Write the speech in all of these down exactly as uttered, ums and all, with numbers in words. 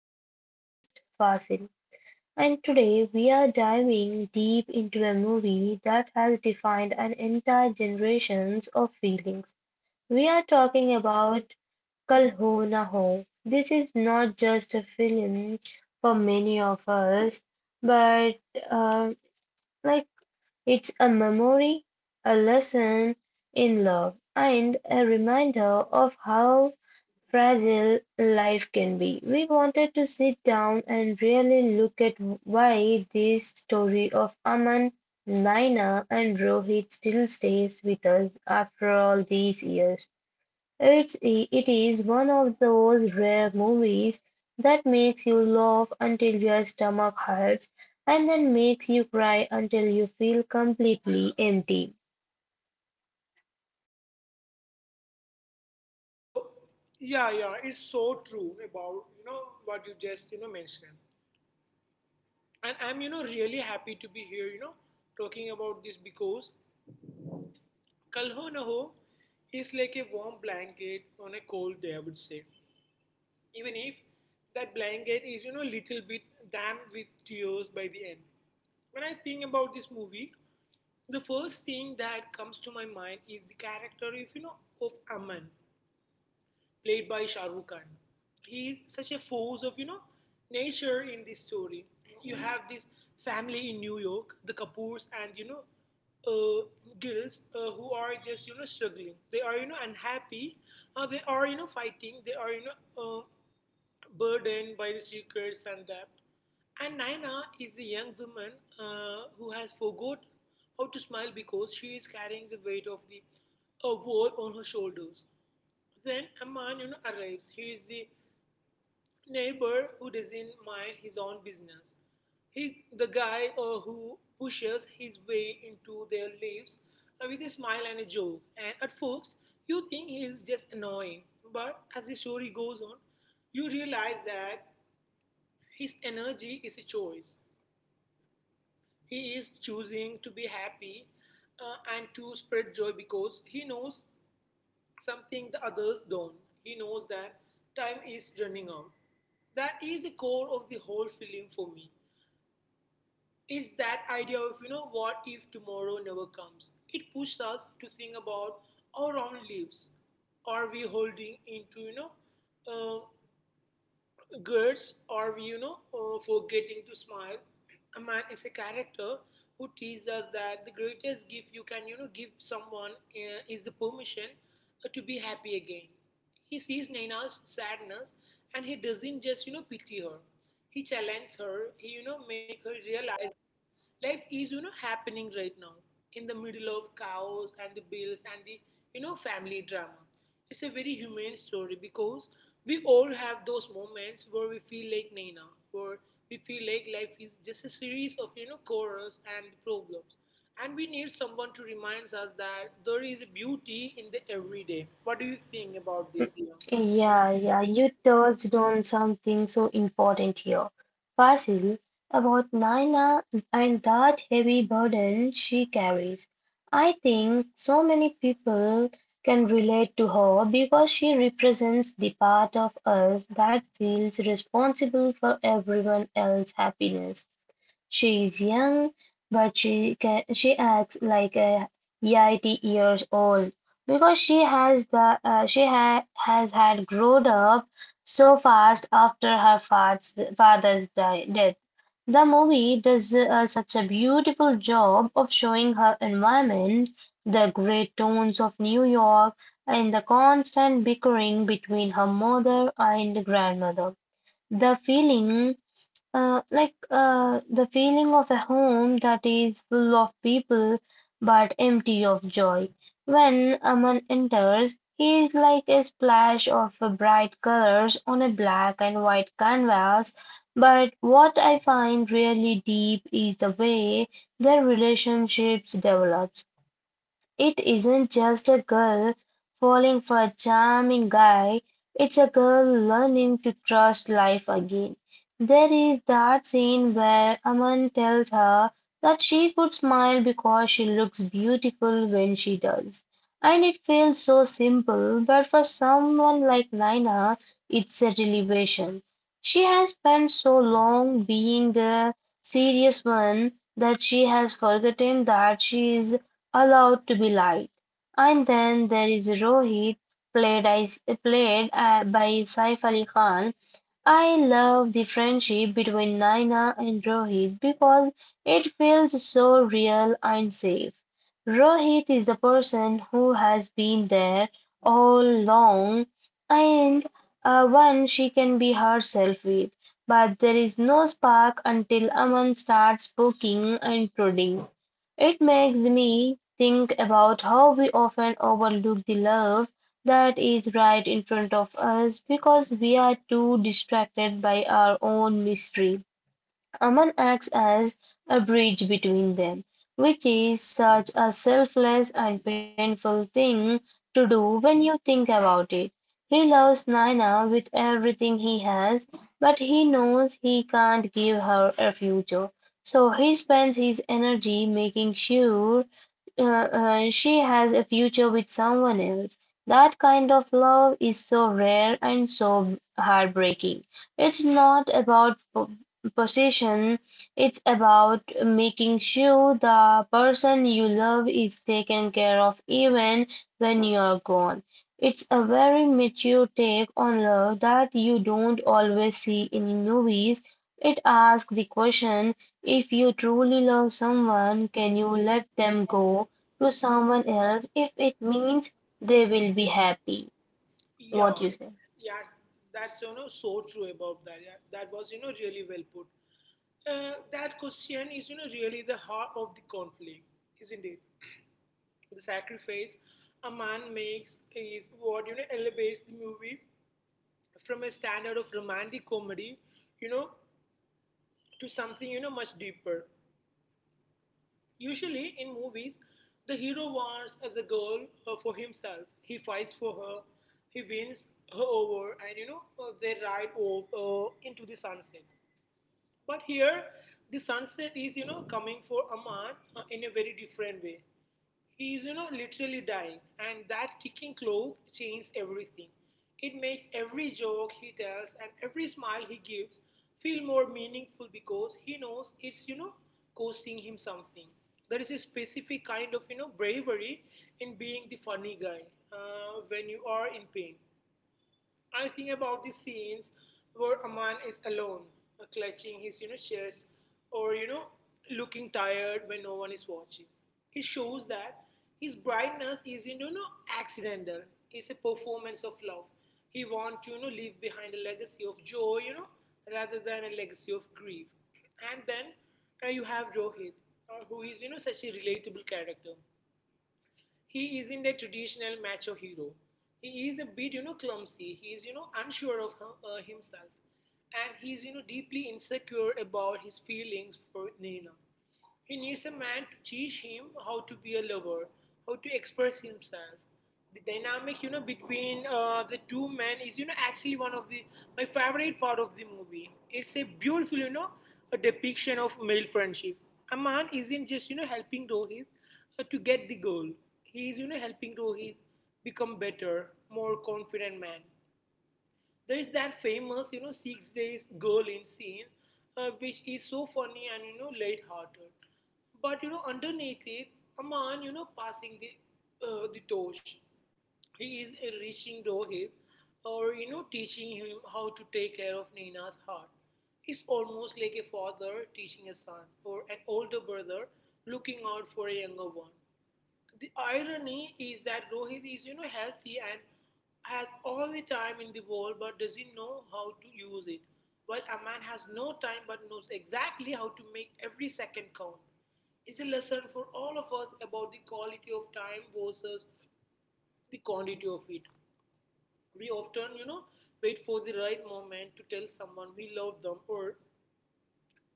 and co-host Fasil. And today we are diving deep into a movie that has defined an entire generations of feelings. We are talking about Kal Ho Na Ho. This is not just a film for many of us, but uh, like it's a memory, a lesson in love, and a reminder of how fragile life can be. We wanted to sit down and really look at why this story of Aman, Naina, and Rohit still stays with us after all these years. It's it is one of those rare movies that makes you laugh until your stomach hurts and then makes you cry until you feel completely empty. So yeah, yeah, it's so true about you know what you just you know mentioned, and I'm you know really happy to be here you know talking about this because Kal Ho Na Ho is like a warm blanket on a cold day, I would say, even if that blanket is you know little bit damp with tears by the end. When I think about this movie, the first thing that comes to my mind is the character of you know of Aman played by Shah Rukh Khan. He is such a force of you know nature in this story. You have this family in New York, the Kapoors, and you know uh, girls uh, who are just you know struggling. They are you know unhappy. Uh, they are you know fighting. They are you know uh, burdened by the secrets and debt. And Naina is the young woman uh, who has forgot how to smile because she is carrying the weight of the a wall on her shoulders. Then a man you know, arrives. He is the neighbor who doesn't mind his own business. He, the guy uh, who pushes his way into their lives uh, with a smile and a joke. And at first, you think he is just annoying. But as the story goes on, you realize that his energy is a choice. He is choosing to be happy uh, and to spread joy because he knows something the others don't. He knows that time is running out. That is the core of the whole film for me. It's that idea of, you know, what if tomorrow never comes? It pushes us to think about our own lives. Are we holding into, you know, uh, goods or we, you know uh, forgetting to smile. A man is a character who teaches us that the greatest gift you can you know give someone uh, is the permission uh, to be happy again. He sees Naina's sadness, and he doesn't just you know pity her. He challenges her. He you know make her realize life is, you know, happening right now in the middle of cows and the bills and the, you know, family drama. It's a very human story because we all have those moments where we feel like Naina, where we feel like life is just a series of, you know, chorus and problems. And we need someone to remind us that there is beauty in the everyday. What do you think about this, Leon? Yeah, yeah, you touched on something so important here. Fasil, about Naina and that heavy burden she carries. I think so many people can relate to her because she represents the part of us that feels responsible for everyone else's happiness. She's young, but she can. She acts like a eighty years old because she has the uh, she ha has had grown up so fast after her father's father's di- death. The movie does uh, such a beautiful job of showing her environment, the great tones of New York, and the constant bickering between her mother and grandmother. The feeling uh, like uh, the feeling of a home that is full of people but empty of joy. When a man enters, he is like a splash of bright colors on a black and white canvas. But what I find really deep is the way their relationships develop. It isn't just a girl falling for a charming guy, it's a girl learning to trust life again. There is that scene where Aman tells her that she could smile because she looks beautiful when she does. And it feels so simple, but for someone like Naina, it's a revelation. She has spent so long being the serious one that she has forgotten that she is allowed to be light. And then there is Rohit, played, as- played uh, by Saif Ali Khan. I love the friendship between Naina and Rohit because it feels so real and safe. Rohit is the person who has been there all along and uh, one she can be herself with. But there is no spark until Aman starts poking and prodding. It makes me think about how we often overlook the love that is right in front of us because we are too distracted by our own mystery. Aman acts as a bridge between them, which is such a selfless and painful thing to do when you think about it. He loves Naina with everything he has, but he knows he can't give her a future. So he spends his energy making sure uh, uh, she has a future with someone else. That kind of love is so rare and so heartbreaking. It's not about po- possession, it's about making sure the person you love is taken care of even when you're gone. It's a very mature take on love that you don't always see in movies. It asks the question, if you truly love someone, can you let them go to someone else if it means they will be happy? Yeah, What you say? yeah, that's you know so true about that. Yeah, that was you know really well put. Uh, that question is you know really the heart of the conflict, isn't it? The sacrifice a man makes is what you know elevates the movie from a standard of romantic comedy, you know, to something you know much deeper. Usually in movies, the hero wants the girl uh, for himself. He fights for her, he wins her over, and you know, uh, they ride off uh, into the sunset. But here, the sunset is, you know, coming for Aman uh, in a very different way. He is, you know, literally dying, and that ticking clock changes everything. It makes every joke he tells and every smile he gives feel more meaningful because he knows it's, you know, costing him something. There is a specific kind of, you know, bravery in being the funny guy uh, when you are in pain. I think about the scenes where a man is alone, uh, clutching his you know chest, or you know looking tired when no one is watching. It shows that his brightness is you know not accidental. It's a performance of love. He wants to you know leave behind a legacy of joy, you know, rather than a legacy of grief. And then uh, you have Rohit, uh, who is you know such a relatable character. He isn't a traditional macho hero. He is a bit, you know, clumsy. He is, you know, unsure of him, uh, himself. And he is, you know, deeply insecure about his feelings for Nina. He needs a man to teach him how to be a lover, how to express himself. The dynamic, you know, between uh, the two men is, you know, actually one of the my favorite part of the movie. It's a beautiful, you know, a depiction of male friendship. Aman isn't just, you know, helping Rohit. Uh, to get the goal. He is, you know, helping Rohit become better, more confident man. There is that famous, you know, six days goal in scene, uh, which is so funny and you know, light-hearted. But you know, underneath it, a man, you know, passing the uh, the torch. He is uh, reaching Rohit, or you know, teaching him how to take care of Nina's heart. It's almost like a father teaching a son, or an older brother looking out for a younger one. The irony is that Rohit is, you know, healthy and has all the time in the world but doesn't know how to use it. While a man has no time but knows exactly how to make every second count. It's a lesson for all of us about the quality of time versus the quantity of it. We often, you know, wait for the right moment to tell someone we love them or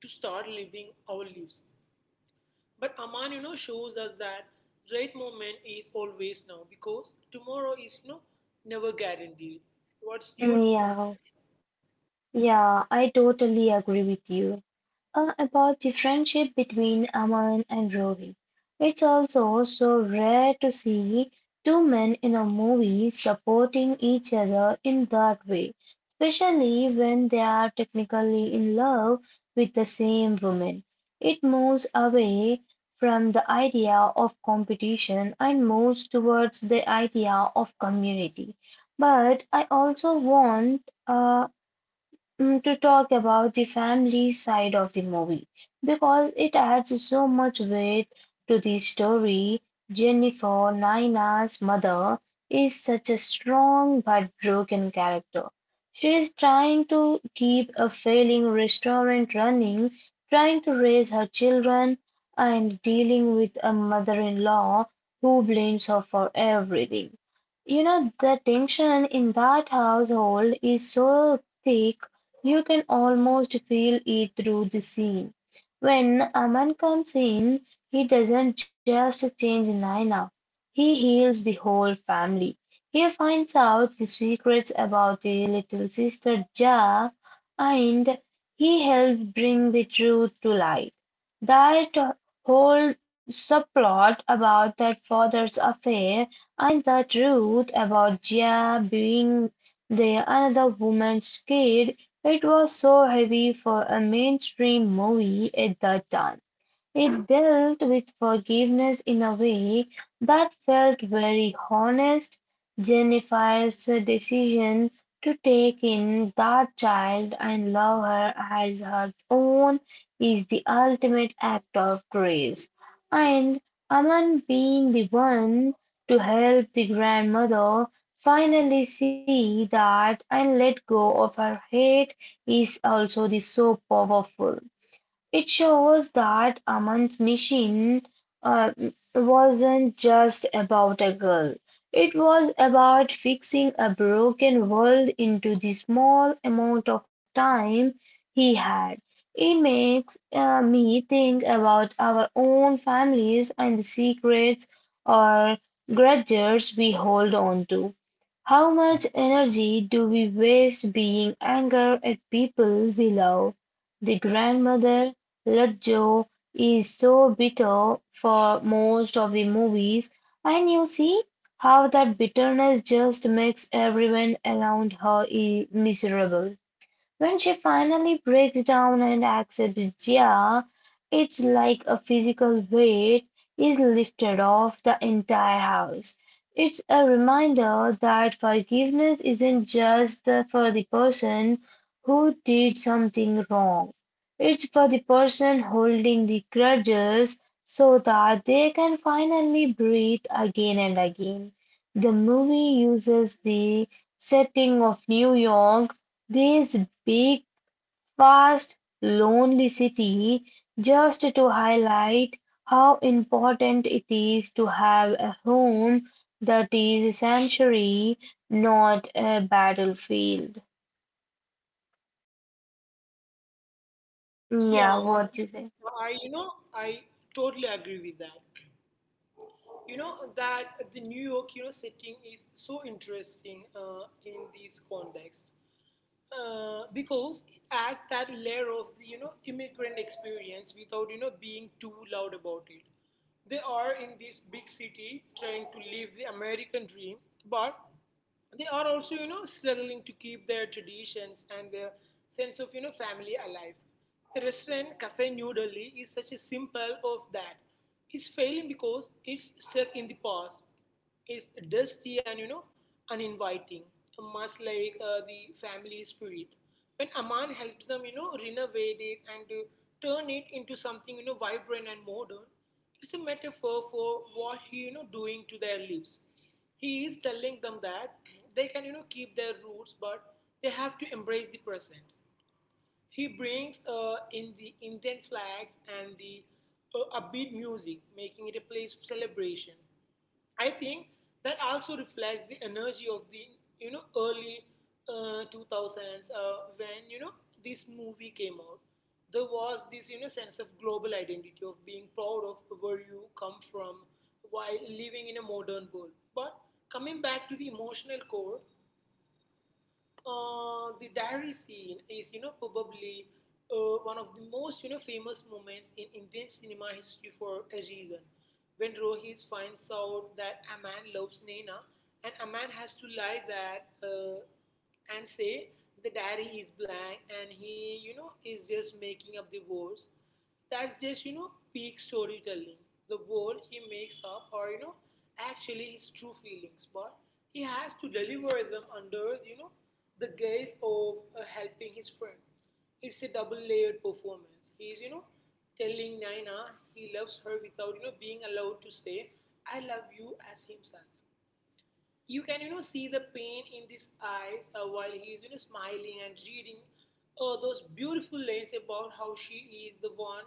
to start living our lives. But Aman, you know, shows us that right moment is always now because tomorrow is, you know, never guaranteed. What's your Mm, Yeah, yeah, I totally agree with you uh, about the friendship between Aman and Rohit. It's also so rare to see two men in a movie supporting each other in that way, especially when they are technically in love with the same woman. It moves away from the idea of competition and moves towards the idea of community. But I also want uh, mm, to talk about the family side of the movie because it adds so much weight to the story. Jennifer, Naina's mother, is such a strong but broken character. She is trying to keep a failing restaurant running, trying to raise her children, and dealing with a mother in law who blames her for everything. You know, the tension in that household is so thick you can almost feel it through the scene. When Aman comes in, he doesn't just change Naina, he heals the whole family. He finds out the secrets about the little sister Ja and he helps bring the truth to light. That whole subplot about that father's affair and the truth about Ja being the another woman's kid, it was so heavy for a mainstream movie at that time. It dealt with forgiveness in a way that felt very honest. Jennifer's decision to take in that child and love her as her own is the ultimate act of grace. And Aman being the one to help the grandmother finally see that and let go of her hate is also the so powerful. It shows that Aman's mission uh, wasn't just about a girl. It was about fixing a broken world into the small amount of time he had. It makes uh, me think about our own families and the secrets or grudges we hold on to. How much energy do we waste being angry at people we love? The grandmother Ludlow is so bitter for most of the movies, and you see how that bitterness just makes everyone around her i- miserable. When she finally breaks down and accepts Jia, it's like a physical weight is lifted off the entire house. It's a reminder that forgiveness isn't just the- for the person who did something wrong. It's for the person holding the grudges so that they can finally breathe again and again. The movie uses the setting of New York, this big, vast, lonely city, just to highlight how important it is to have a home that is a sanctuary, not a battlefield. Yeah, Yeah, what you say? I you know, I totally agree with that. You know that the New York you know setting is so interesting uh, in this context uh, because it adds that layer of the, you know immigrant experience without you know being too loud about it. They are in this big city trying to live the American dream, but they are also you know struggling to keep their traditions and their sense of you know family alive. The restaurant Cafe New Delhi is such a simple of that. It's failing because it's stuck in the past. It's dusty and you know uninviting, much like uh, the family spirit. When Aman helps them you know renovate it and to turn it into something you know vibrant and modern, it's a metaphor for what he you know doing to their lives. He is telling them that they can, you know, keep their roots, but they have to embrace the present. He brings uh, in the Indian flags and the uh, upbeat music, making it a place of celebration. I think that also reflects the energy of the you know early uh, two thousands uh, when you know this movie came out. There was this you know sense of global identity of being proud of where you come from while living in a modern world. But coming back to the emotional core, uh, the diary scene is, you know, probably uh, one of the most, you know, famous moments in Indian cinema history for a reason. When Rohit finds out that a man loves Naina, and a man has to lie that uh, and say the diary is blank, and he, you know, is just making up the words. That's just, you know, peak storytelling. The world he makes up or you know, actually his true feelings, but he has to deliver them under, you know, the guise of uh, helping his friend. It's a double layered performance. He's, you know, telling Naina he loves her without, you know, being allowed to say, I love you as himself. You can you know see the pain in his eyes uh, while he is you know smiling and reading uh, those beautiful lines about how she is the one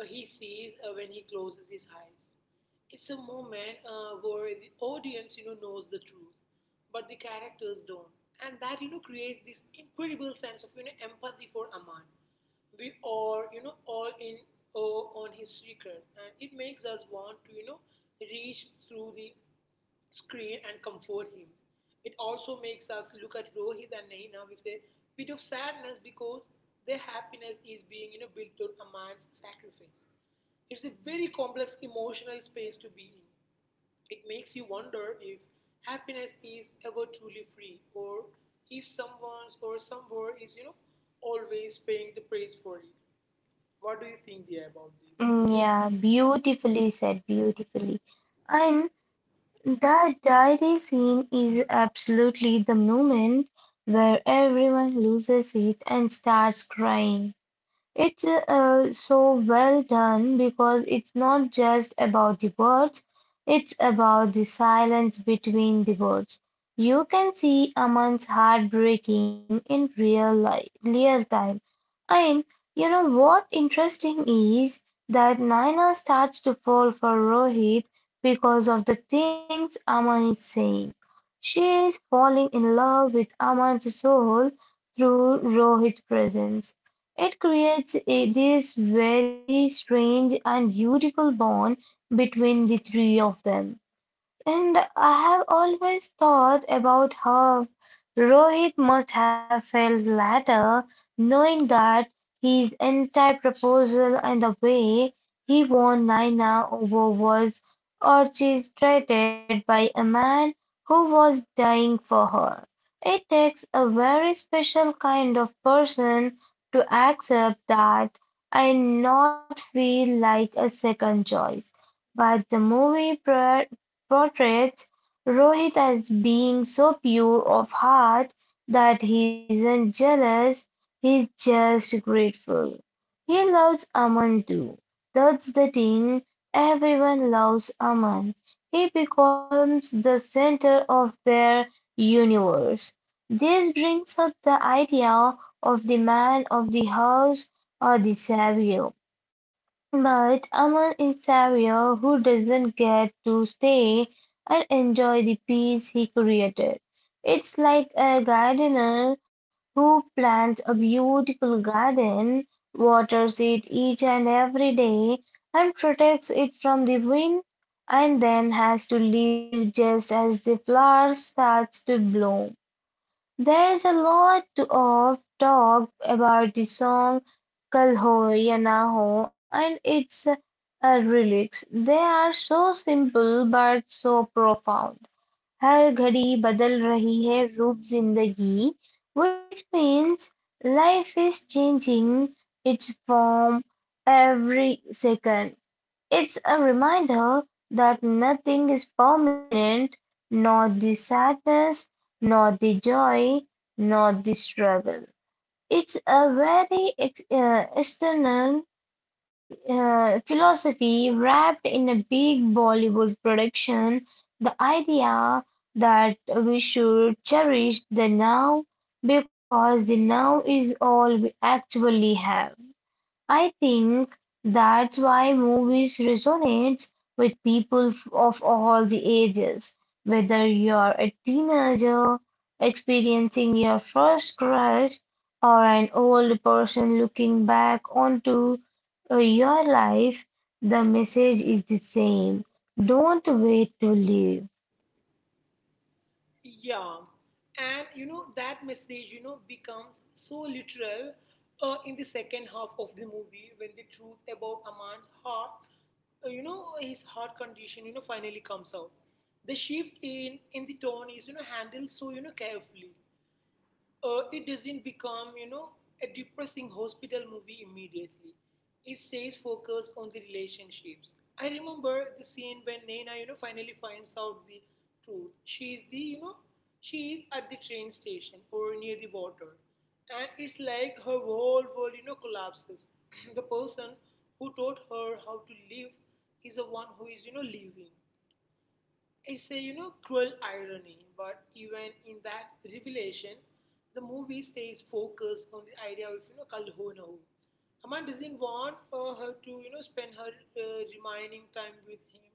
uh, he sees uh, when he closes his eyes. It's a moment uh, where the audience you know knows the truth, but the characters don't, and that you know creates this incredible sense of you know empathy for Aman. We are you know all in uh, on his secret, and it makes us want to you know reach through the screen and comfort him. It also makes us look at Rohit and Naina with a bit of sadness because their happiness is being you know, built on a man's sacrifice. It's a very complex emotional space to be in. It makes you wonder if happiness is ever truly free or if someone or somewhere is, you know, always paying the price for it. What do you think, dear, about this? Mm, Yeah, beautifully said, beautifully. And that diary scene is absolutely the moment where everyone loses it and starts crying. It's uh, so well done because it's not just about the words, it's about the silence between the words. You can see Aman's heart breaking in real life, real time. And you know what interesting is that Naina starts to fall for Rohit because of the things Aman is saying. She is falling in love with Aman's soul through Rohit's presence. It creates a, this very strange and beautiful bond between the three of them. And I have always thought about how Rohit must have felt later, knowing that his entire proposal and the way he won Naina over was orchestrated by a man who was dying for her. It takes a very special kind of person to accept that and not feel like a second choice. But the movie pro portrays Rohit as being so pure of heart that he isn't jealous, he's just grateful. He loves Aman too. That's the thing. Everyone loves Aman. He becomes the center of their universe. This brings up the idea of the man of the house or the savior. But Amal is Sario who doesn't get to stay and enjoy the peace he created. It's like a gardener who plants a beautiful garden, waters it each and every day, and protects it from the wind, and then has to leave just as the flower starts to bloom. There's a lot to- of talk about the song कल हो या ना हो and its a relics. They are so simple but so profound. हर घड़ी बदल रही है रूप ज़िंदगी, which means life is changing its form every second. It's a reminder that nothing is permanent, nor the sadness, nor the joy, nor the struggle. It's a very ex- uh, external uh, philosophy wrapped in a big Bollywood production. The idea that we should cherish the now because the now is all we actually have. I think that's why movies resonates with people f- of all the ages. Whether you're a teenager experiencing your first crush or an old person looking back onto uh, your life, the message is the same. Don't wait to live. Yeah, and you know that message you know becomes so literal uh, in the second half of the movie when the truth about Aman's heart, uh, you know his heart condition, you know finally comes out. The shift in in the tone is you know handled so you know carefully. Uh, it doesn't become, you know, a depressing hospital movie immediately. It stays focused on the relationships. I remember the scene when Naina, you know, finally finds out the truth. She is the, you know, she is at the train station or near the water. And it's like her whole world, you know, collapses. The person who taught her how to live is the one who is, you know, leaving. It's a you know cruel irony, but even in that revelation, the movie stays focused on the idea of you know Kalhonahu. Amma doesn't want uh, her to you know spend her uh, remaining time with him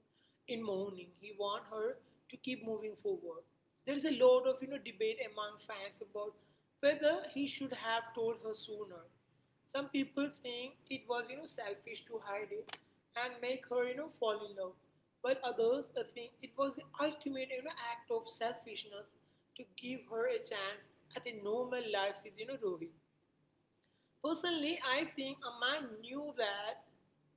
in mourning. He wants her to keep moving forward. There is a lot of you know debate among fans about whether he should have told her sooner. Some people think it was you know selfish to hide it and make her you know fall in love, while others uh, think it was the ultimate you know act of selfishness to give her a chance at a normal life with you know Rohit. Personally, I think a man knew that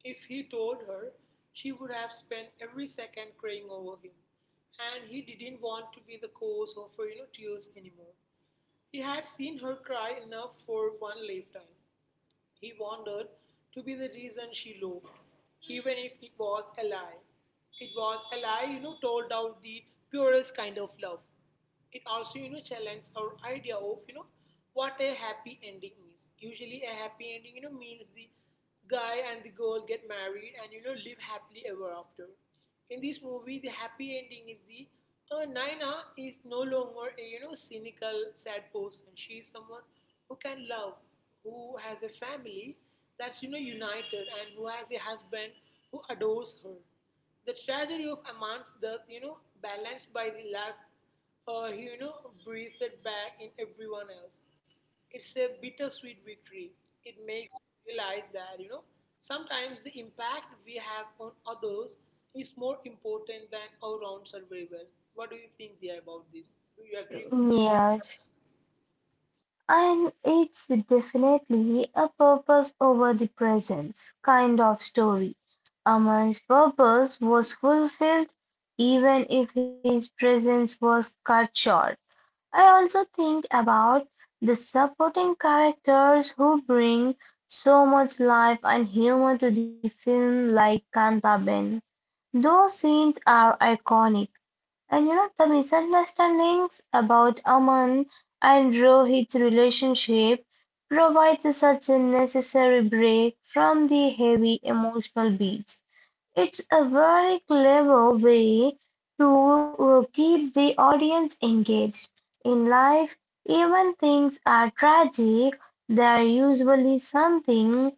if he told her, she would have spent every second crying over him, and he didn't want to be the cause of her you know tears anymore. He had seen her cry enough for one lifetime. He wanted to be the reason she loved, even if it was a lie. It was a lie, you know, told out the purest kind of love. It also, you know, challenged our idea of, you know, what a happy ending is. Usually, a happy ending, you know, means the guy and the girl get married and you know live happily ever after. In this movie, the happy ending is the uh, Naina is no longer a you know cynical, sad person. She is someone who can love, who has a family that's you know united, and who has a husband who adores her. The tragedy of Aman's death, you know, balanced by the life uh, you know breathed back in everyone else. It's a bittersweet victory. It makes you realize that, you know, sometimes the impact we have on others is more important than our own survival. What do you think there about this? Do you agree? Yes. And it's definitely a purpose over the presence kind of story. A man's purpose was fulfilled even if his presence was cut short. I also think about the supporting characters who bring so much life and humor to the film, like Kanta Ben. Those scenes are iconic and you know, the misunderstandings about Aman and Rohit's relationship provides such a necessary break from the heavy emotional beats. It's a very clever way to uh, keep the audience engaged. In life, even things are tragic, there are usually something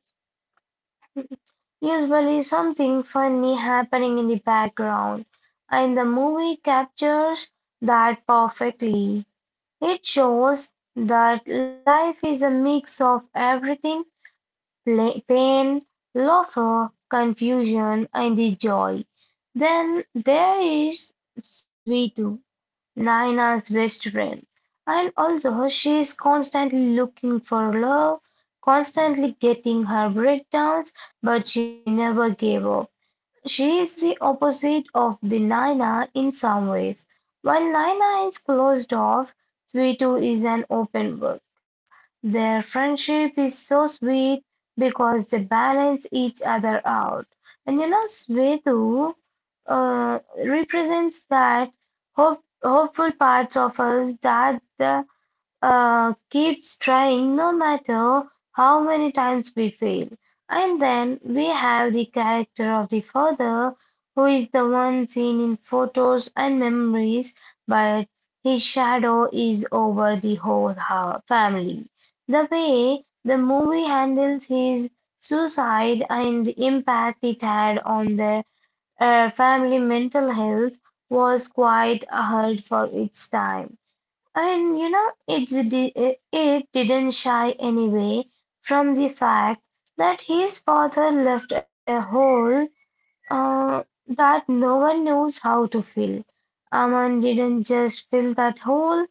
Usually something funny happening in the background, and the movie captures that perfectly. It shows that life is a mix of everything, pla- pain, laughter, confusion, and the joy. Then there is Sweetu, Naina's best friend, and also she is constantly looking for love, constantly getting her breakdowns, but she never gave up. She is the opposite of the Nina in some ways. While Nina is closed off, Sweetu is an open book. Their friendship is so sweet because they balance each other out. And you know, Sweetu uh, represents that hope, hopeful parts of us that the uh, keeps trying no matter how many times we fail. And then we have the character of the father, who is the one seen in photos and memories, but his shadow is over the whole hou- family. The way the movie handles his suicide and the impact it had on their uh, family mental health was quite ahead for its time. And you know, it, di- it it didn't shy anyway from the fact that his father left a hole uh, that no one knows how to fill. Aman didn't just fill that hole,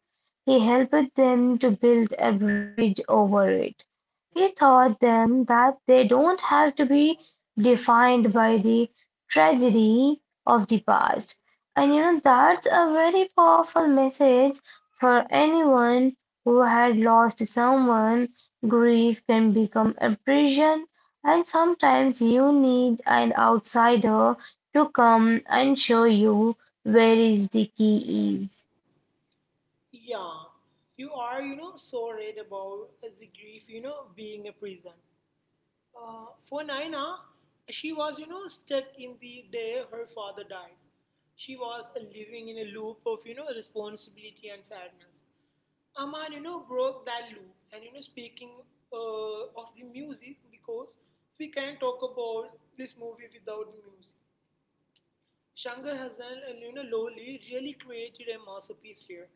he helped them to build a bridge over it. He taught them that they don't have to be defined by the tragedy of the past. And you know, that's a very powerful message for anyone who had lost someone. Grief can become a prison and sometimes you need an outsider to come and show you where is the key is. Yeah. You are, you know, so right about the grief, you know, being a prison. Uh, for Naina, she was, you know, stuck in the day her father died. She was living in a loop of, you know, responsibility and sadness. Aman, you know, broke that loop. And you know, speaking uh, of the music, because we can't talk about this movie without the music. Shankar Hasan and you know Lowly really created a masterpiece here.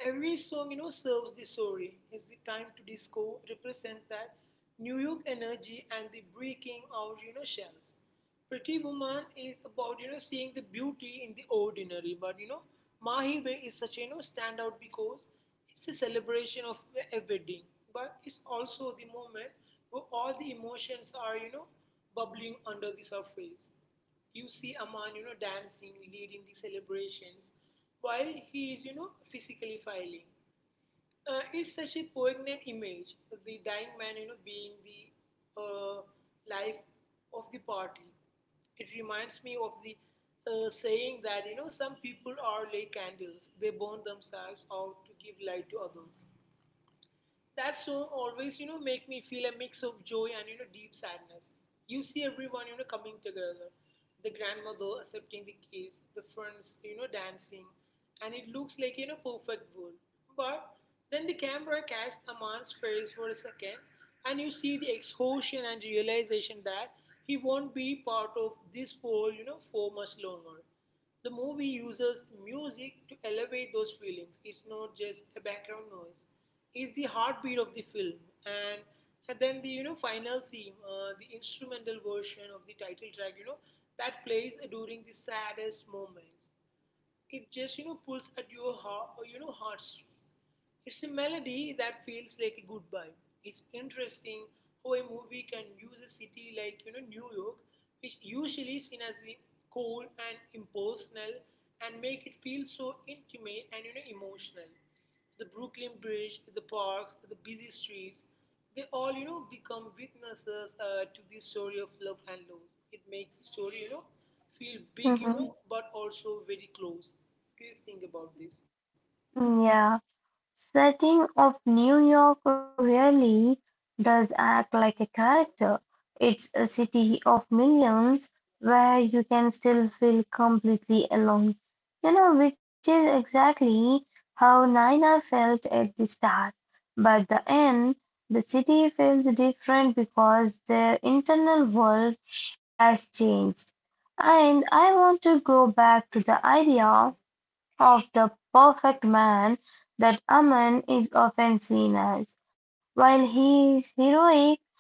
Every song you know serves the story. It's the time to disco represents that New York energy and the breaking out you know shells. Pretty Woman is about you know seeing the beauty in the ordinary, but you know Mahibe is such a you know standout because it's a celebration of a wedding, but it's also the moment where all the emotions are you know bubbling under the surface. You see a man, you know, dancing, leading the celebrations, while he is, you know, physically filing. Uh, it's such a poignant image, the dying man, you know, being the uh, life of the party. It reminds me of the uh, saying that, you know, some people are like candles. They burn themselves out to give light to others. That song always you know make me feel a mix of joy and you know deep sadness. You see everyone you know coming together, the grandmother accepting the kids, the friends you know dancing, and it looks like you know perfect world. But then the camera casts a man's face for a second, and you see the exhaustion and realization that he won't be part of this world you know for much longer. The movie uses music to elevate those feelings. It's not just a background noise. It's the heartbeat of the film. And, and then the you know final theme, uh, the instrumental version of the title track, you know, that plays during the saddest moments. It just you know pulls at your heart or, you know heartstring. It's a melody that feels like a goodbye. It's interesting how a movie can use a city like you know New York, which usually seen as cold and impersonal, and make it feel so intimate and you know emotional. The Brooklyn Bridge, the parks, the busy streets, they all, you know, become witnesses uh, to this story of love and loss. It makes the story, you know, feel big, you Mhm. know, but also very close. Do you think about this? Yeah. Setting of New York really does act like a character. It's a city of millions where you can still feel completely alone, you know, which is exactly how Nina felt at the start. But the end, the city feels different because their internal world has changed. And I want to go back to the idea of the perfect man that Aman is often seen as. While he is heroic,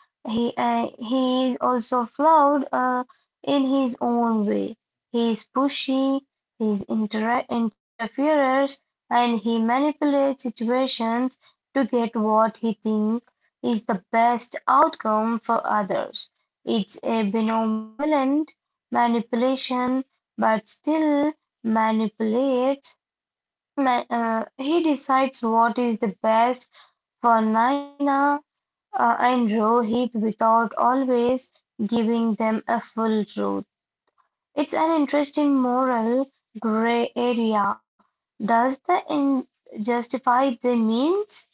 he, uh, he is also flawed uh, in his own way. He is pushy, he is inter- interferes, and he manipulates situations to get what he thinks is the best outcome for others. It's a benevolent manipulation, but still manipulates Ma- uh, He decides what is the best for Nina and Rohit without always giving them a full truth. It's an interesting moral grey area: does the end justify the means?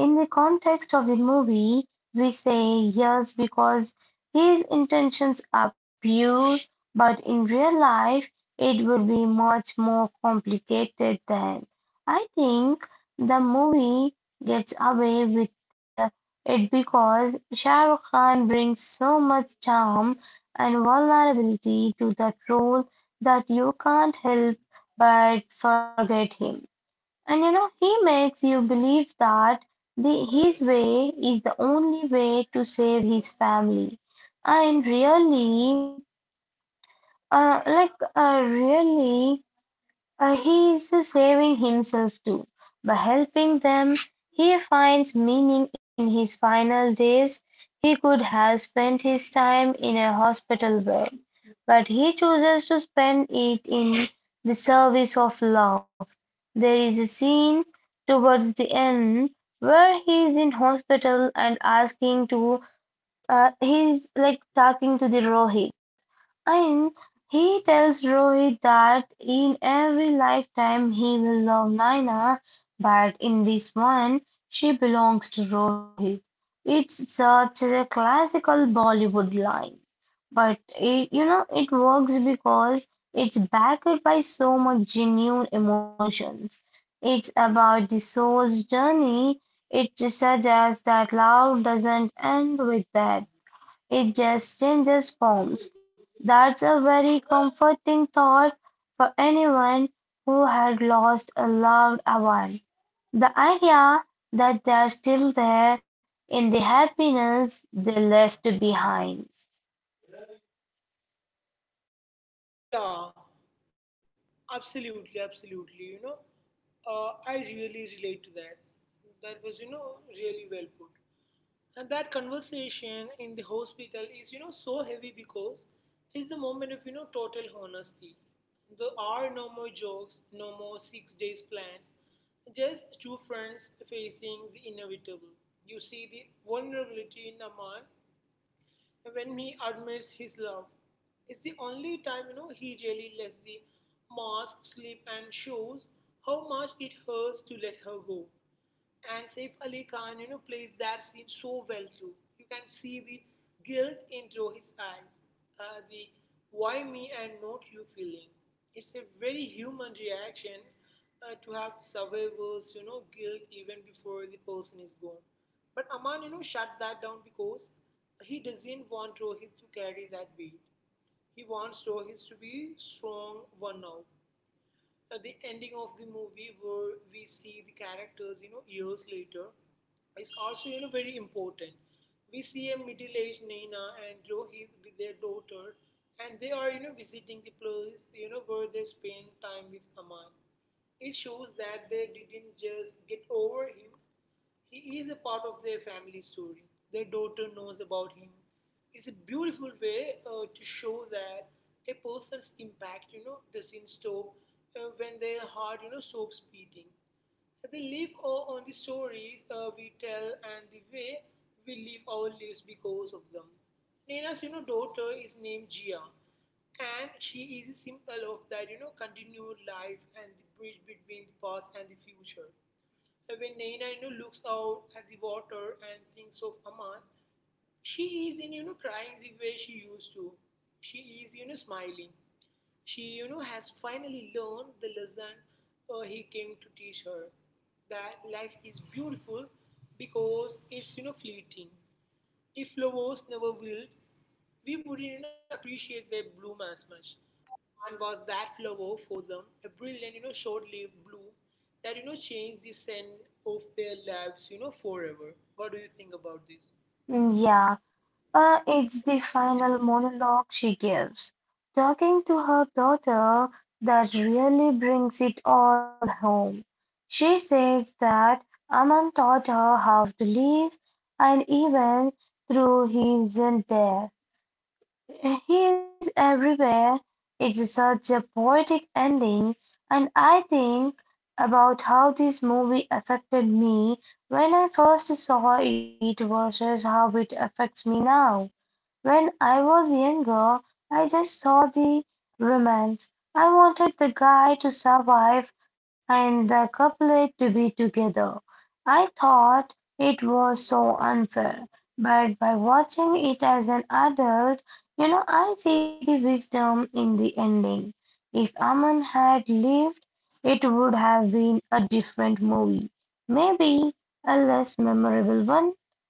In the context of the movie, we say yes because his intentions are pure, but in real life, it would be much more complicated than. I think the movie gets away with the- it because Shah Rukh Khan brings so much charm and vulnerability to that role that you can't help but forget him. And you know, he makes you believe that the, his way is the only way to save his family. And really, uh, like, uh, really, uh, he is saving himself too. By helping them, he finds meaning in his final days. He could have spent his time in a hospital bed, but he chooses to spend it in the service of love. There is a scene towards the end where he is in hospital and asking to uh, he's like talking to the Rohit, and he tells Rohit that in every lifetime he will love Naina, but in this one she belongs to Rohit. It's such a classical Bollywood line, but it you know it works because it's backed by so much genuine emotions. It's about the soul's journey. It suggests that love doesn't end with death. It just changes forms. That's a very comforting thought for anyone who had lost a loved one. The idea that they're still there in the happiness they left behind. Yeah, absolutely, absolutely. You know, uh, I really relate to that. That was, you know, really well put. And that conversation in the hospital is, you know, so heavy because it's the moment of, you know, total honesty. There are no more jokes, no more six days plans, just two friends facing the inevitable. You see the vulnerability in a when he admits his love. It's the only time you know he really lets the mask slip and shows how much it hurts to let her go. And Saif Ali Khan, you know, plays that scene so well through. You can see the guilt into his eyes, uh, the why me and not you feeling. It's a very human reaction uh, to have survivors, you know, guilt even before the person is gone. But Aman, you know, shut that down because he doesn't want Rohit to carry that weight. He wants Rohit to be strong one now. Uh, the ending of the movie where we see the characters, you know, years later, is also, you know, very important. We see a middle-aged Naina and Rohit with their daughter, and they are, you know, visiting the place, you know, where they spend time with Aman. It shows that they didn't just get over him, he is a part of their family story. Their daughter knows about him. It's a beautiful way uh, to show that a person's impact, you know, doesn't stop uh, when their heart, you know, stops beating. They live o- on the stories uh, we tell and the way we live our lives because of them. Nina's, you know, daughter is named Jia, and she is a symbol of that, you know, continued life and the bridge between the past and the future. When Naina you know, looks out at the water and thinks of Aman, she is in, you know, crying the way she used to. She is, you know, smiling. She, you know, has finally learned the lesson uh, he came to teach her that life is beautiful because it's, you know, fleeting. If flowers never wilt, we wouldn't appreciate their bloom as much. And was that flower for them a brilliant, you know, short-lived bloom that, you know, changed the scent of their lives, you know, forever. What do you think about this? Mm, Yeah, Uh, it's the final monologue she gives, talking to her daughter, that really brings it all home. She says that Aman taught her how to live, and even though he isn't there, he is everywhere. It's such a poetic ending, and I think about how this movie affected me when I first saw it versus how it affects me now. When I was younger, I just saw the romance. I wanted the guy to survive and the couple to be together. I thought it was so unfair, but by watching it as an adult, you know, I see the wisdom in the ending. If Aman had lived, it would have been a different movie. Maybe a less memorable one.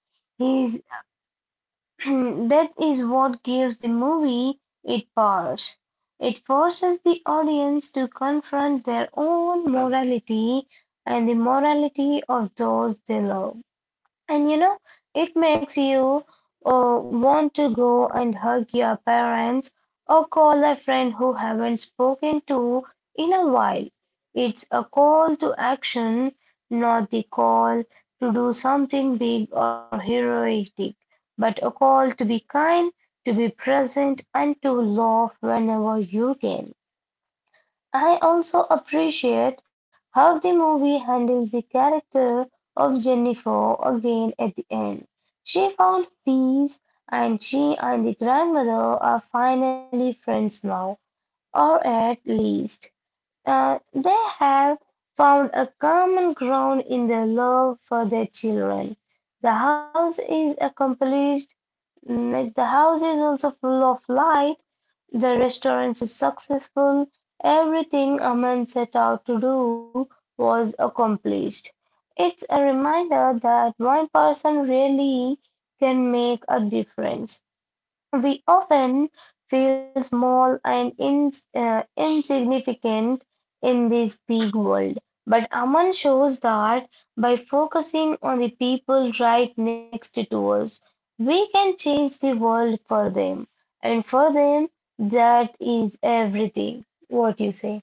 His that is what gives the movie its powers. It forces the audience to confront their own morality and the morality of those they love. And you know, it makes you uh, want to go and hug your parents or call a friend who haven't spoken to in a while. It's a call to action, not the call to do something big or heroic, but a call to be kind, to be present, and to laugh whenever you can. I also appreciate how the movie handles the character of Jennifer again at the end. She found peace, and she and the grandmother are finally friends now, or at least uh, they have found a common ground in their love for their children. The house is accomplished. Mm, If the house is also full of light, the restaurant is successful, everything a man set out to do was accomplished. It's a reminder that one person really can make a difference. We often feel small and ins uh, insignificant in this big world. But Aman shows that by focusing on the people right next to us, we can change the world for them. And for them, that is everything. What you say?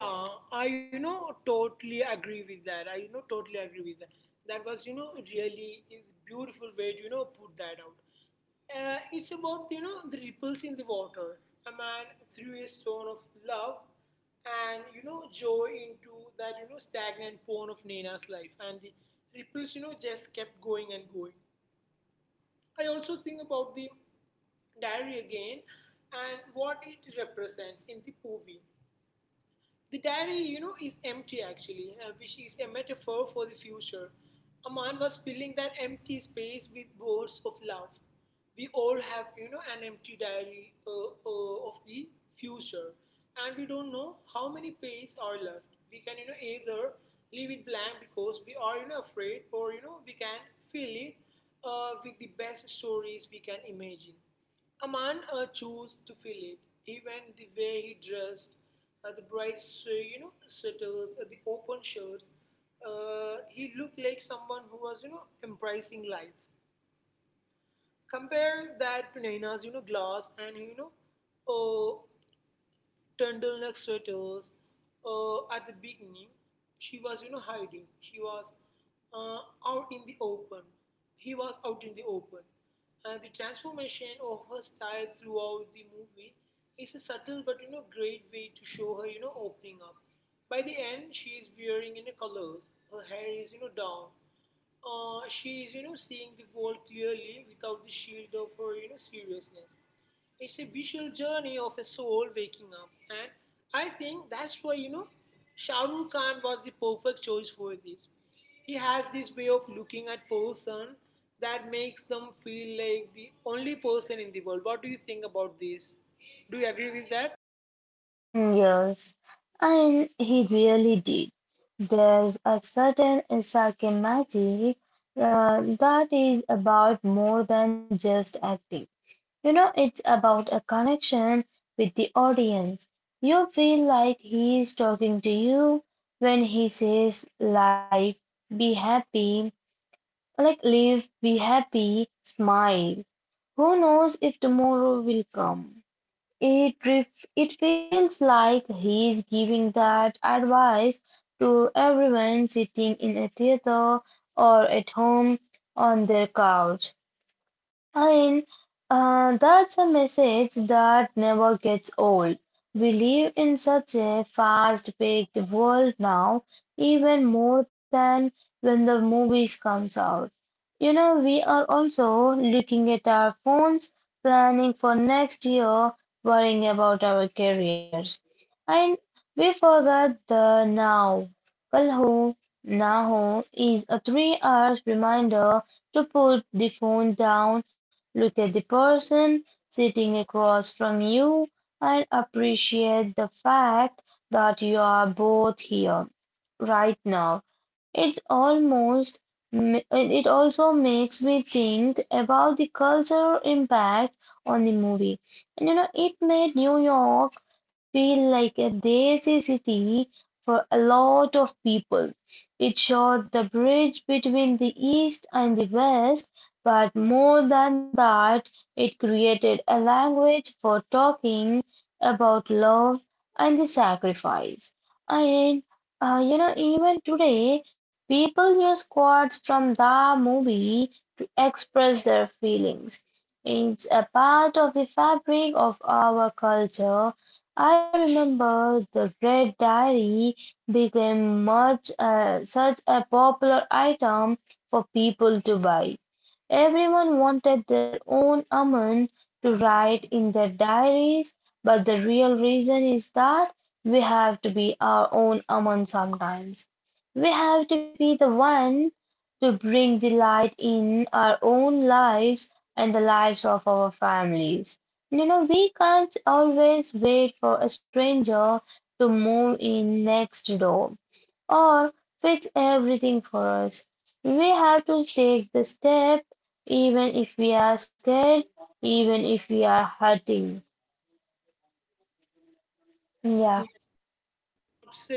Yeah, I you know totally agree with that. I you know totally agree with that. That was you know really a beautiful way to you know put that out. Uh, it's about you know the ripples in the water. A man threw a stone of love and you know joy into that you know stagnant pond of Nina's life, and the ripples you know just kept going and going. I also think about the diary again and what it represents in the movie. The diary, you know, is empty actually, uh, which is a metaphor for the future. A man was filling that empty space with words of love. We all have, you know, an empty diary uh, uh, of the future, and we don't know how many pages are left. We can, you know, either leave it blank because we are, you know, afraid, or you know, we can fill it uh, with the best stories we can imagine. A man uh, chose to feel it. Even the way he dressed, uh, the bright, so, you know, sweaters, uh, the open shirts, uh, he looked like someone who was, you know, embracing life. Compare that to Naina's, you know, glass and, you know, oh, turtleneck sweaters. Uh, at the beginning, she was, you know, hiding. She was uh, out in the open. He was out in the open. And the transformation of her style throughout the movie is a subtle but, you know, great way to show her, you know, opening up. By the end, she is wearing, you know, colors. Her hair is, you know, down. Uh, she is, you know, seeing the world clearly without the shield of her, you know, seriousness. It's a visual journey of a soul waking up, and I think that's why you know Shah Rukh Khan was the perfect choice for this. He has this way of looking at person that makes them feel like the only person in the world. What do you think about this? Do you agree with that? Mm, yes, and he really did. There's a certain Isaacan magic uh, that is about more than just acting. You know, it's about a connection with the audience. You feel like he is talking to you when he says, like, be happy, like, live, be happy, smile. Who knows if tomorrow will come? It ref it feels like he's giving that advice to everyone sitting in a theater or at home on their couch. I mean, uh, that's a message that never gets old. We live in such a fast-paced world now, even more than when the movies comes out. You know, we are also looking at our phones, planning for next year, worrying about our careers. And we forget the now. Kal ho, na ho is a three hours reminder to put the phone down. Look at the person sitting across from you and appreciate the fact that you are both here right now. It's almost it also makes me think about the cultural impact on the movie. And you know, it made New York feel like a daisy city for a lot of people. It showed the bridge between the East and the West, but more than that, it created a language for talking about love and the sacrifice. And uh, you know, even today, people use quotes from the movie to express their feelings. It's a part of the fabric of our culture. I remember the Red Diary became much uh, such a popular item for people to buy. Everyone wanted their own Amun to write in their diaries, but the real reason is that we have to be our own Amun sometimes. We have to be the one to bring the light in our own lives and the lives of our families. You know, we can't always wait for a stranger to move in next door or fix everything for us. We have to take the step even if we are scared, even if we are hurting. Yeah, Yeah, absolutely.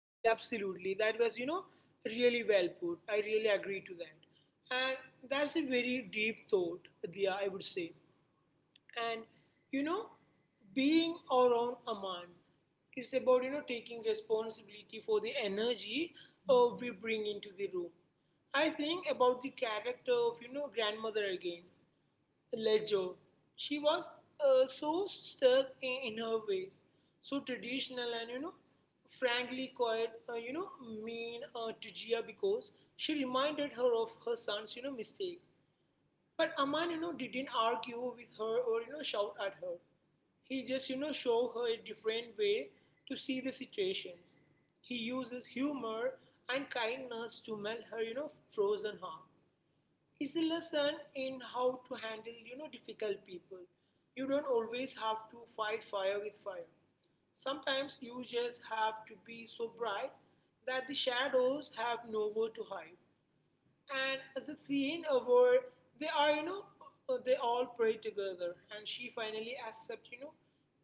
Absolutely, absolutely. That was, you know, really well put. I really agree to that. And that's a very deep thought, Diya, I would say. and you know being our own Aman. It's about you know taking responsibility for the energy uh, we bring into the room. I think about the character of you know grandmother again, Lejo. She was uh, so stuck in, in her ways, so traditional, and you know frankly quite uh, you know mean uh, to Gia, because she reminded her of her son's you know mistake. But Aman, you know, didn't argue with her or, you know, shout at her. He just, you know, showed her a different way to see the situations. He uses humor and kindness to melt her, you know, frozen heart. It's a lesson in how to handle, you know, difficult people. You don't always have to fight fire with fire. Sometimes you just have to be so bright that the shadows have nowhere to hide. And the scene uh, where they are, you know, uh, they all pray together, and she finally accepts, you know,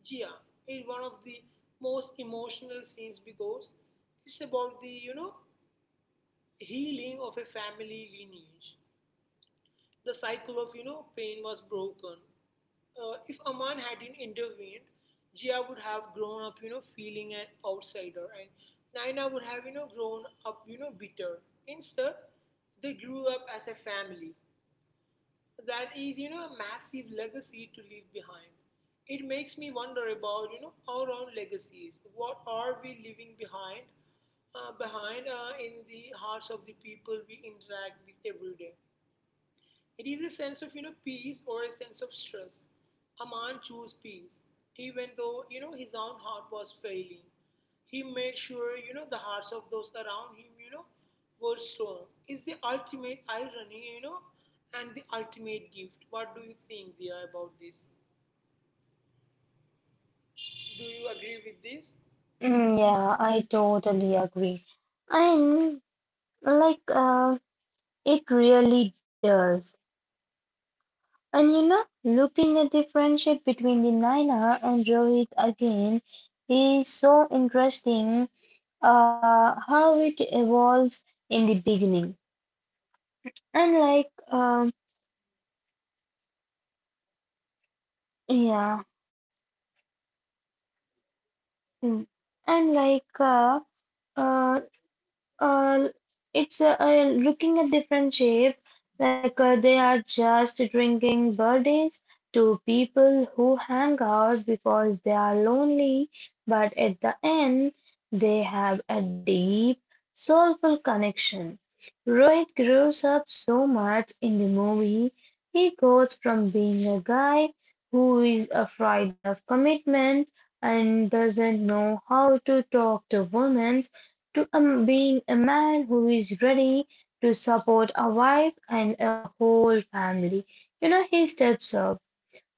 Gia, is one of the most emotional scenes, because it's about the, you know, healing of a family lineage. The cycle of, you know, pain was broken. Uh, if Aman hadn't intervened, Gia would have grown up, you know, feeling an outsider, and Naina would have, you know, grown up, you know, bitter. Instead, they grew up as a family. That is you know a massive legacy to leave behind. It makes me wonder about you know our own legacies, what are we leaving behind uh, behind uh, in the hearts of the people we interact with every day. It is a sense of you know peace, or a sense of stress. Aman chose peace, even though you know his own heart was failing. He made sure you know the hearts of those around him you know were strong. Is the ultimate irony you know and the ultimate gift. What do you think, Dia, about this? Do you agree with this? mm, yeah, I totally agree. And like uh, it really does. And you know, looking at the friendship between the Naina and Rohit again is so interesting uh, how it evolves in the beginning. And like um yeah, Mm. And like uh, uh, uh, it's uh, uh, looking a different shape, like uh, they are just drinking birthdays to people who hang out because they are lonely, but at the end, they have a deep, soulful connection. Rohit grows up so much in the movie. He goes from being a guy who is afraid of commitment and doesn't know how to talk to women to um, being a man who is ready to support a wife and a whole family. You know, he steps up.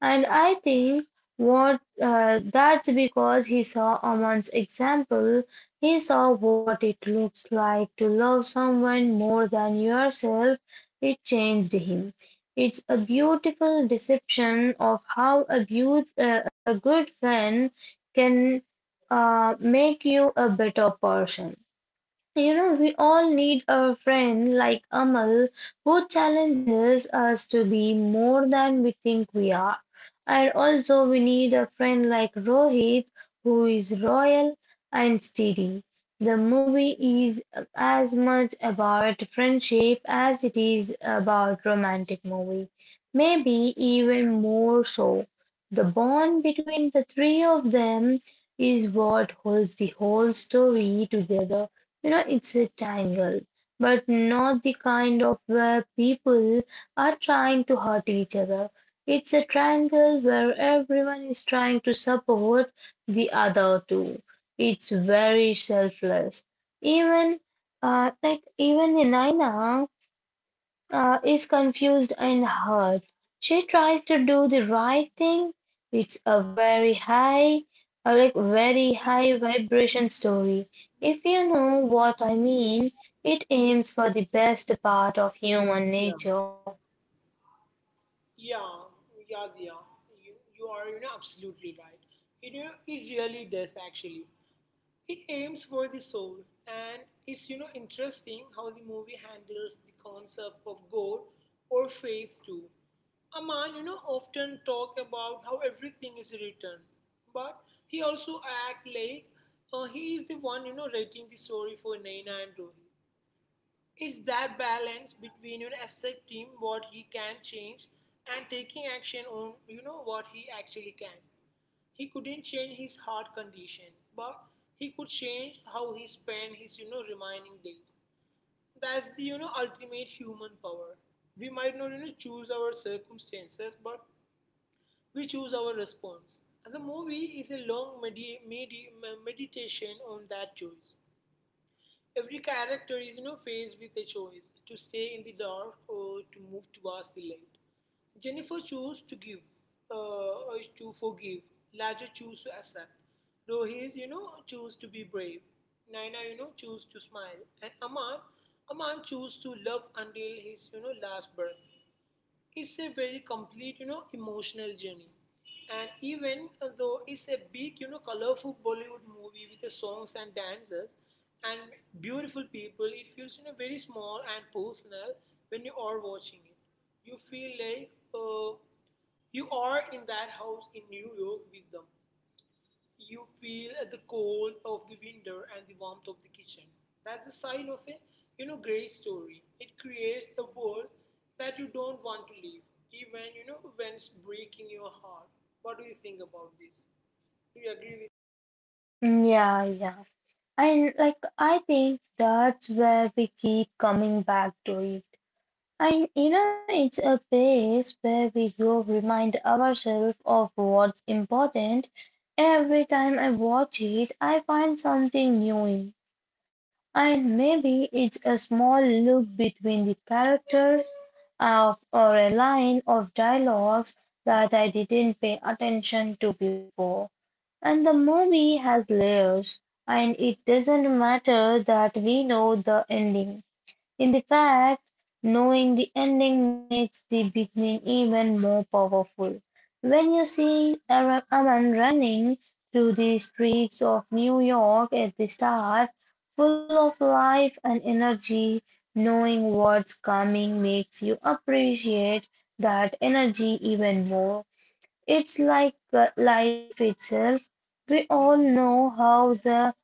And I think what uh, that's because he saw Aman's example. He saw what it looks like to love someone more than yourself. It changed him. It's a beautiful deception of how a, beaut- uh, a good friend can uh, make you a better person. You know, we all need a friend like Amal who challenges us to be more than we think we are. And also, we need a friend like Rohit who is royal and steady. The movie is as much about friendship as it is about romantic movie. Maybe even more so. The bond between the three of them is what holds the whole story together. You know, it's a tangle, but not the kind of where people are trying to hurt each other. It's a triangle where everyone is trying to support the other two. It's very selfless. Even uh, like even in Naina, uh, is confused and hurt. She tries to do the right thing. It's a very high, uh, like very high vibration story. If you know what I mean, it aims for the best part of Yeah, human nature. yeah, yeah, yeah. You, you are, you know, absolutely right. You know, it really does actually. It aims for the soul, and it's you know interesting how the movie handles the concept of god or faith too. Aman, you know often talk about how everything is written, but he also act like uh, he is the one you know writing the story for Naina and Rohit. It's that balance between you know, accepting what he can change, and taking action on you know what he actually can. He couldn't change his heart condition, but he could change how he spent his you know remaining days. That's the you know ultimate human power. We might not you know choose our circumstances, but we choose our response. And the movie is a long medi- medi- meditation on that choice. Every character is, you know, faced with a choice to stay in the dark or to move towards the light. Jennifer chose to give, uh, to forgive. Laja chose to accept. Rohis, you know, chose to be brave. Naina, you know, chose to smile. And Aman, Aman chose to love until his, you know, last breath. It's a very complete you know emotional journey, and even uh, though it's a big you know colorful Bollywood movie with the songs and dancers and beautiful people, it feels you know very small and personal when you are watching it. You feel like uh, you are in that house in New York with them. You feel the cold of the winter and the warmth of the kitchen. That's the sign of a you know great story. It creates a world that you don't want to leave, even you know when it's breaking your heart. What do you think about this? Do you agree with? Mm, Yeah, yeah. And like I think that's where we keep coming back to it. And you know, it's a place where we go remind ourselves of what's important. Every time I watch it, I find something new in. And maybe it's a small look between the characters of, or a line of dialogues that I didn't pay attention to before. And the movie has layers, and it doesn't matter that we know the ending. In the fact, knowing the ending makes the beginning even more powerful. When you see a ra- a man running through the streets of New York at the start, full of life and energy, knowing what's coming makes you appreciate that energy even more. It's like uh, life itself. We all know how the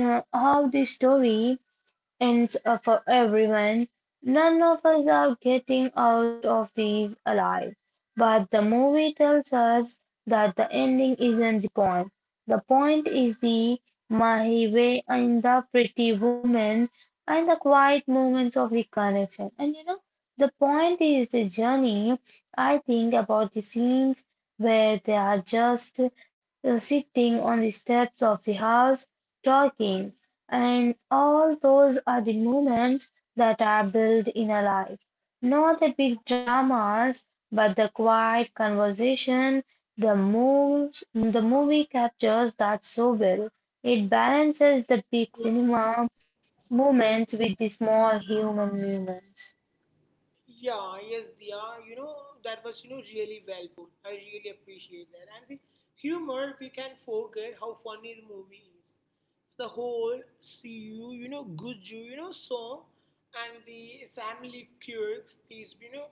uh, how the story and uh, for everyone, none of us are getting out of these alive. But the movie tells us that the ending isn't the point. The point is the Mahiwe and the pretty woman and the quiet moments of the connection. And you know, the point is the journey. I think about the scenes where they are just uh, sitting on the steps of the house talking, and all those are the moments that are built in a life. Not the big dramas, but the quiet conversation, the moves, the movie captures that so well. It balances the big cinema moments with the small human moments. Yeah, yes, Dia. You know that was you know really well put. I really appreciate that. And the humor, we can forget how funny the movie is. The whole CU, you know, Guju, you know, song and the family quirks is, you know,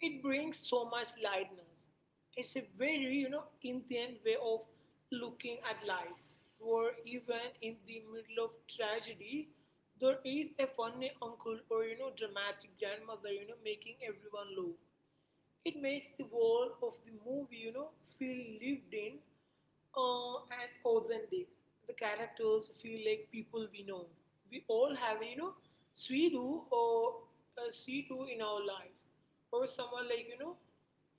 it brings so much lightness. It's a very, you know, Indian way of looking at life, where even in the middle of tragedy, there is a funny uncle or, you know, dramatic grandmother, you know, making everyone laugh. It makes the world of the movie, you know, feel lived in uh, and authentic. The characters feel like people we know. We all have, you know, Sweetu or uh, Sweetu in our life, or someone like you know,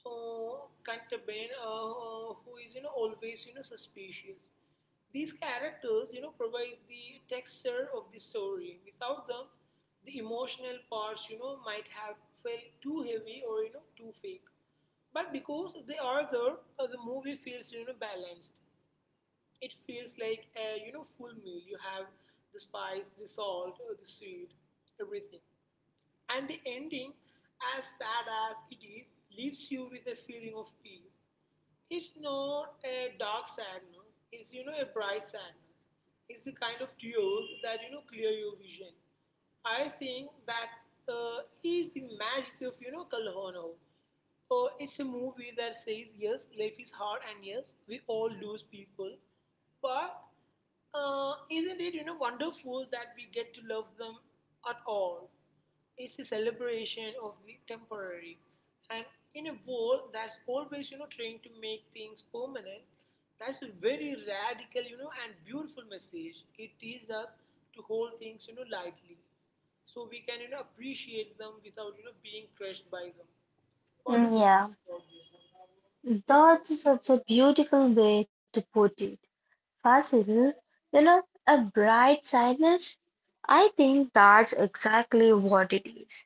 uh, Kantaben, uh, uh, who is you know always you know suspicious. These characters, you know, provide the texture of the story. Without them, the emotional parts, you know, might have felt too heavy, or you know too fake. But because they are there, uh, the movie feels you know balanced. It feels like a you know full meal. You have the spice, the salt, uh, the sweet, everything. And the ending, as sad as it is, leaves you with a feeling of peace. It's not a dark sadness, it's you know a bright sadness. It's the kind of tears that you know clear your vision. I think that uh, is the magic of you know Kalhono. Uh, it's a movie that says, yes, life is hard, and yes, we all lose people, but uh, isn't it you know wonderful that we get to love them at all? It's a celebration of the temporary. And in a world that's always, you know, trying to make things permanent, that's a very radical, you know, and beautiful message. It teaches us to hold things, you know, lightly. So we can, you know, appreciate them without, you know, being crushed by them. What do you Mm, Yeah, think about this? that's such a beautiful way to put it. Fasil, you know, a bright sadness? I think that's exactly what it is.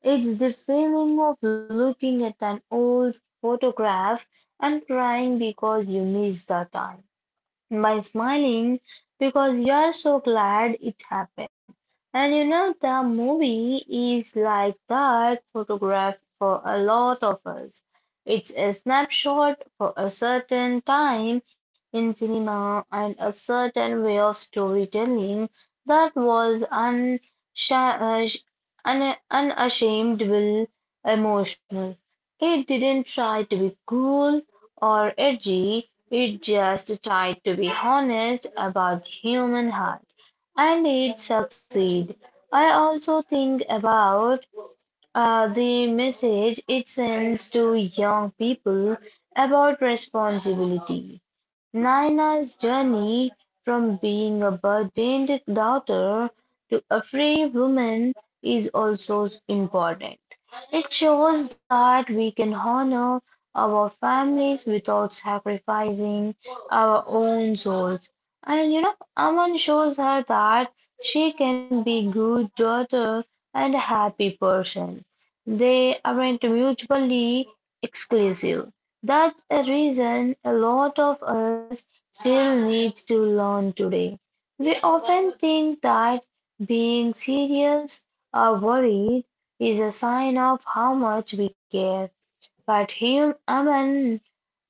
It's the feeling of looking at an old photograph and crying because you miss the time by smiling because you're so glad it happened. And you know, the movie is like that photograph for a lot of us. It's a snapshot for a certain time in cinema and a certain way of storytelling that was unsha- uh, sh- un- unashamedable emotional. It didn't try to be cool or edgy. It just tried to be honest about human heart, and it succeed. I also think about uh, the message it sends to young people about responsibility. Naina's journey from being a burdened daughter to a free woman is also important. It shows that we can honor our families without sacrificing our own souls. And you know, Aman shows her that she can be good daughter and a happy person. They aren't mutually exclusive. That's a reason a lot of us still needs to learn today. We often think that being serious or worried is a sign of how much we care, but hum- human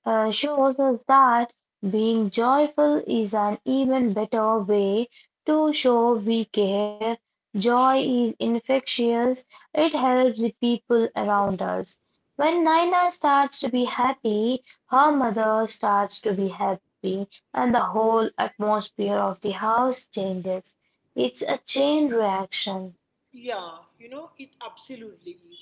uh, shows us that being joyful is an even better way to show we care. Joy is infectious, it helps the people around us. When Naina starts to be happy, her mother starts to be happy, and the whole atmosphere of the house changes. It's a chain reaction. Yeah, you know, it absolutely is.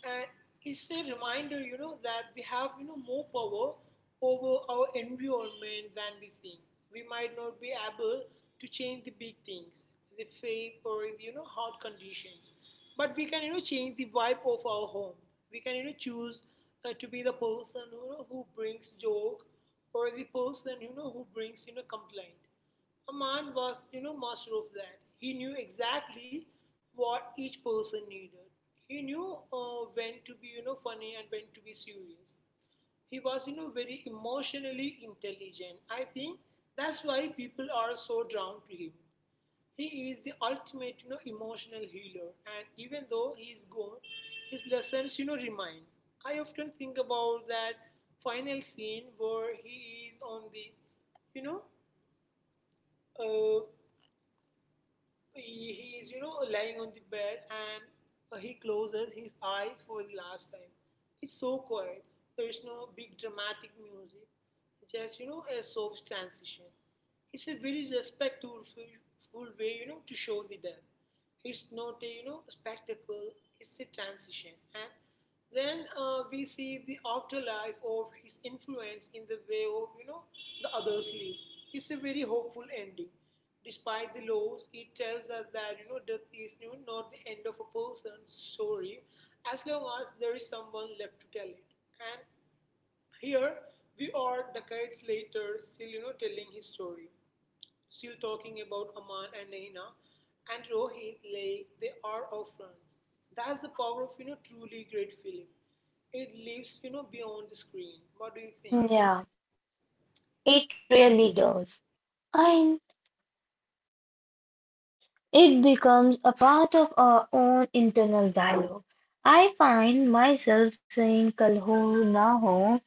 And it's a reminder, you know, that we have, you know, more power over our environment than we think. We might not be able to change the big things, the faith or the, you know, hard conditions. But we can, you know, change the vibe of our home. We can, you know, choose uh, to be the person, you know, who brings joke, or the person, you know, who brings, you know, complaint. A man was, you know, master of that. He knew exactly what each person needed. He knew uh, when to be, you know, funny and when to be serious. He was, you know, very emotionally intelligent. I think that's why people are so drawn to him. He is the ultimate, you know, emotional healer. And even though he is gone, his lessons, you know, remain. I often think about that final scene where he is on the, you know, uh, he he is you know lying on the bed, and uh, he closes his eyes for the last time. It's so quiet. There's no big dramatic music, just you know a soft transition. It's a very respectful full way you know to show the death. It's not a you know spectacle, it's a transition. And then uh, we see the afterlife of his influence in the way of you know the others live. It's a very hopeful ending. Despite the loss, it tells us that you know death is you know, not the end of a person's story, as long as there is someone left to tell it. And here we are, decades later, still you know telling his story. Still talking about Aman and Naina and Rohit like they are our friends. That's the power of you know truly great film. It lives you know beyond the screen. What do you think? Hmm, Yeah, it really does. I It becomes a part of our own internal dialogue. I find myself saying Kalho na ho,"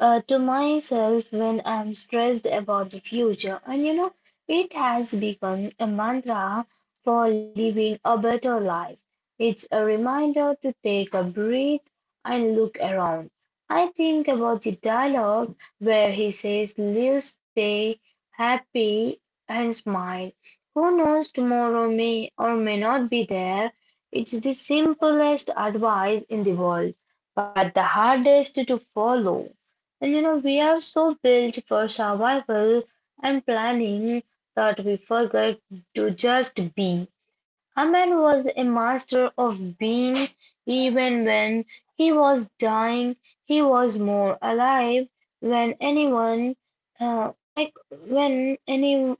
uh, to myself when I'm stressed about the future. And you know, it has become a mantra for living a better life. It's a reminder to take a breath and look around. I think about the dialogue where he says, Live, stay happy, and smile. Who knows, tomorrow may or may not be there. It's the simplest advice in the world, but the hardest to follow. And you know, we are so built for survival and planning that we forget to just be. Haman was a master of being, even when he was dying, he was more alive when anyone, uh, like when any,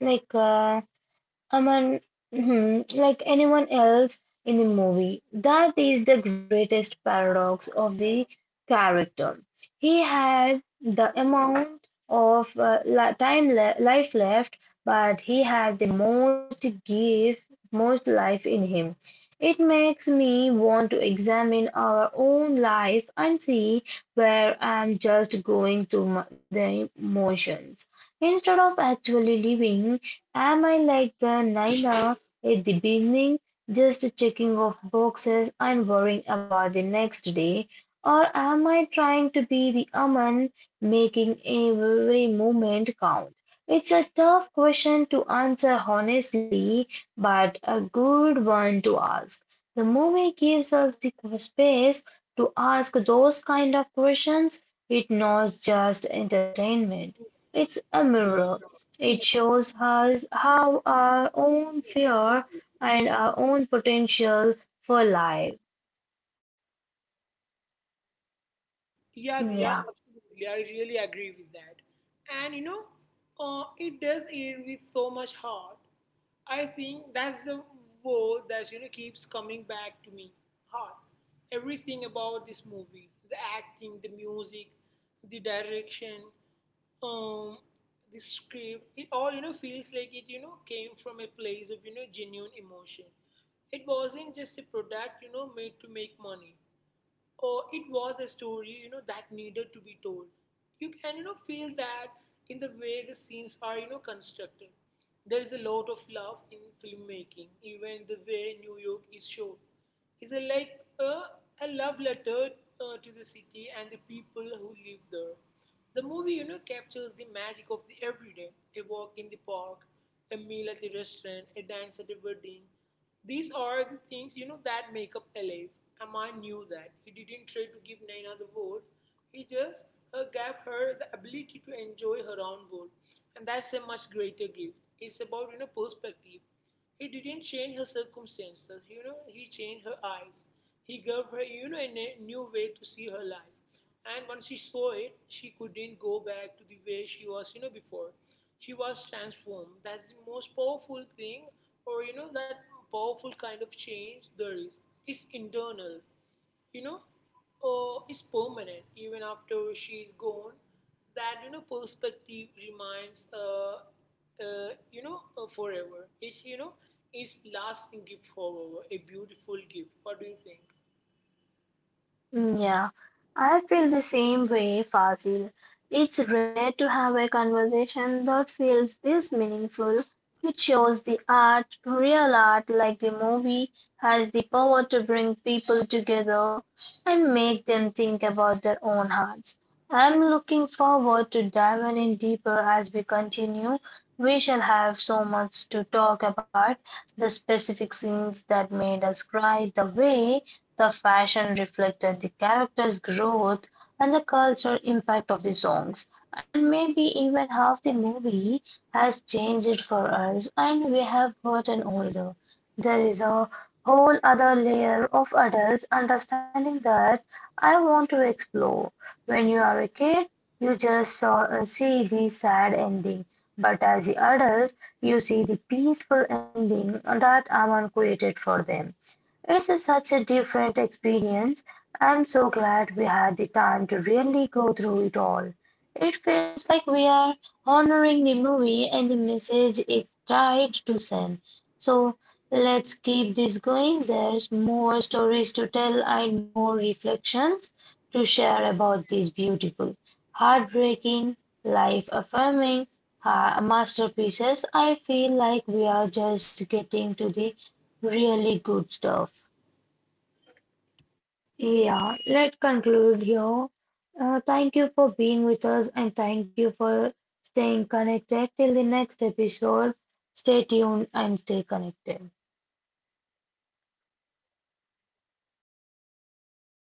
like, uh, Aman, hmm, like anyone else in the movie. That is the greatest paradox of the character. He had the amount of uh, li- time le life left, but he had the most give, most life in him. It makes me want to examine our own life and see where I'm just going through m- the emotions instead of actually living. Am I like the Nina at the beginning, just checking off boxes and worrying about the next day? Or am I trying to be the Aman, making every moment count? It's a tough question to answer honestly, but a good one to ask. The movie gives us the space to ask those kind of questions. It's not just entertainment, it's a mirror, it shows us how our own fear and our own potential for life. Yeah, Diya, Yeah. absolutely. I really agree with that. And you know, uh, it does it with so much heart. I think that's the word that you know keeps coming back to me. Heart. Everything about this movie, the acting, the music, the direction, um, the script, it all you know feels like it you know came from a place of you know genuine emotion. It wasn't just a product you know made to make money, or it was a story you know that needed to be told. You can you know feel that in the way the scenes are you know constructed. There is a lot of love in filmmaking, even the way New York is shown. It's a like a, a love letter, uh, to the city and the people who live there. The movie you know captures the magic of the everyday, a walk in the park, a meal at a restaurant, a dance at a wedding. These are the things you know that make up Alive. Amma knew that. He didn't try to give Naina the world. He just uh, gave her the ability to enjoy her own world, and that's a much greater gift. It's about you know perspective. He didn't change her circumstances. You know he changed her eyes. He gave her you know a new way to see her life. And once she saw it, she couldn't go back to the way she was, you know, before. She was transformed. That's the most powerful thing, or you know, that powerful kind of change there is. It's internal, you know, or it's permanent. Even after she's gone, that you know perspective remains, uh, uh, you know, uh, forever. It's you know, it's lasting gift forever, a beautiful gift. What do you think? Mm, Yeah, I feel the same way, Fazil. It's rare to have a conversation that feels this meaningful. It shows the art, real art like the movie, has the power to bring people together and make them think about their own hearts. I'm looking forward to diving in deeper as we continue. We shall have so much to talk about the specific scenes that made us cry, the way the fashion reflected the characters' growth and the cultural impact of the songs, and maybe even half the movie has changed for us and we have gotten older. There is a whole other layer of adults understanding that I want to explore. When you are a kid, you just saw, uh, see the sad ending, but as the adult, you see the peaceful ending that Aman created for them. It's a- such a different experience. I'm so glad we had the time to really go through it all. It feels like we are honoring the movie and the message it tried to send. So let's keep this going. There's more stories to tell and more reflections to share about this beautiful, heartbreaking, life affirming masterpieces. I feel like we are just getting to the really good stuff. Yeah, let's conclude here. Uh, thank you for being with us and thank you for staying connected. Till the next episode, stay tuned and stay connected.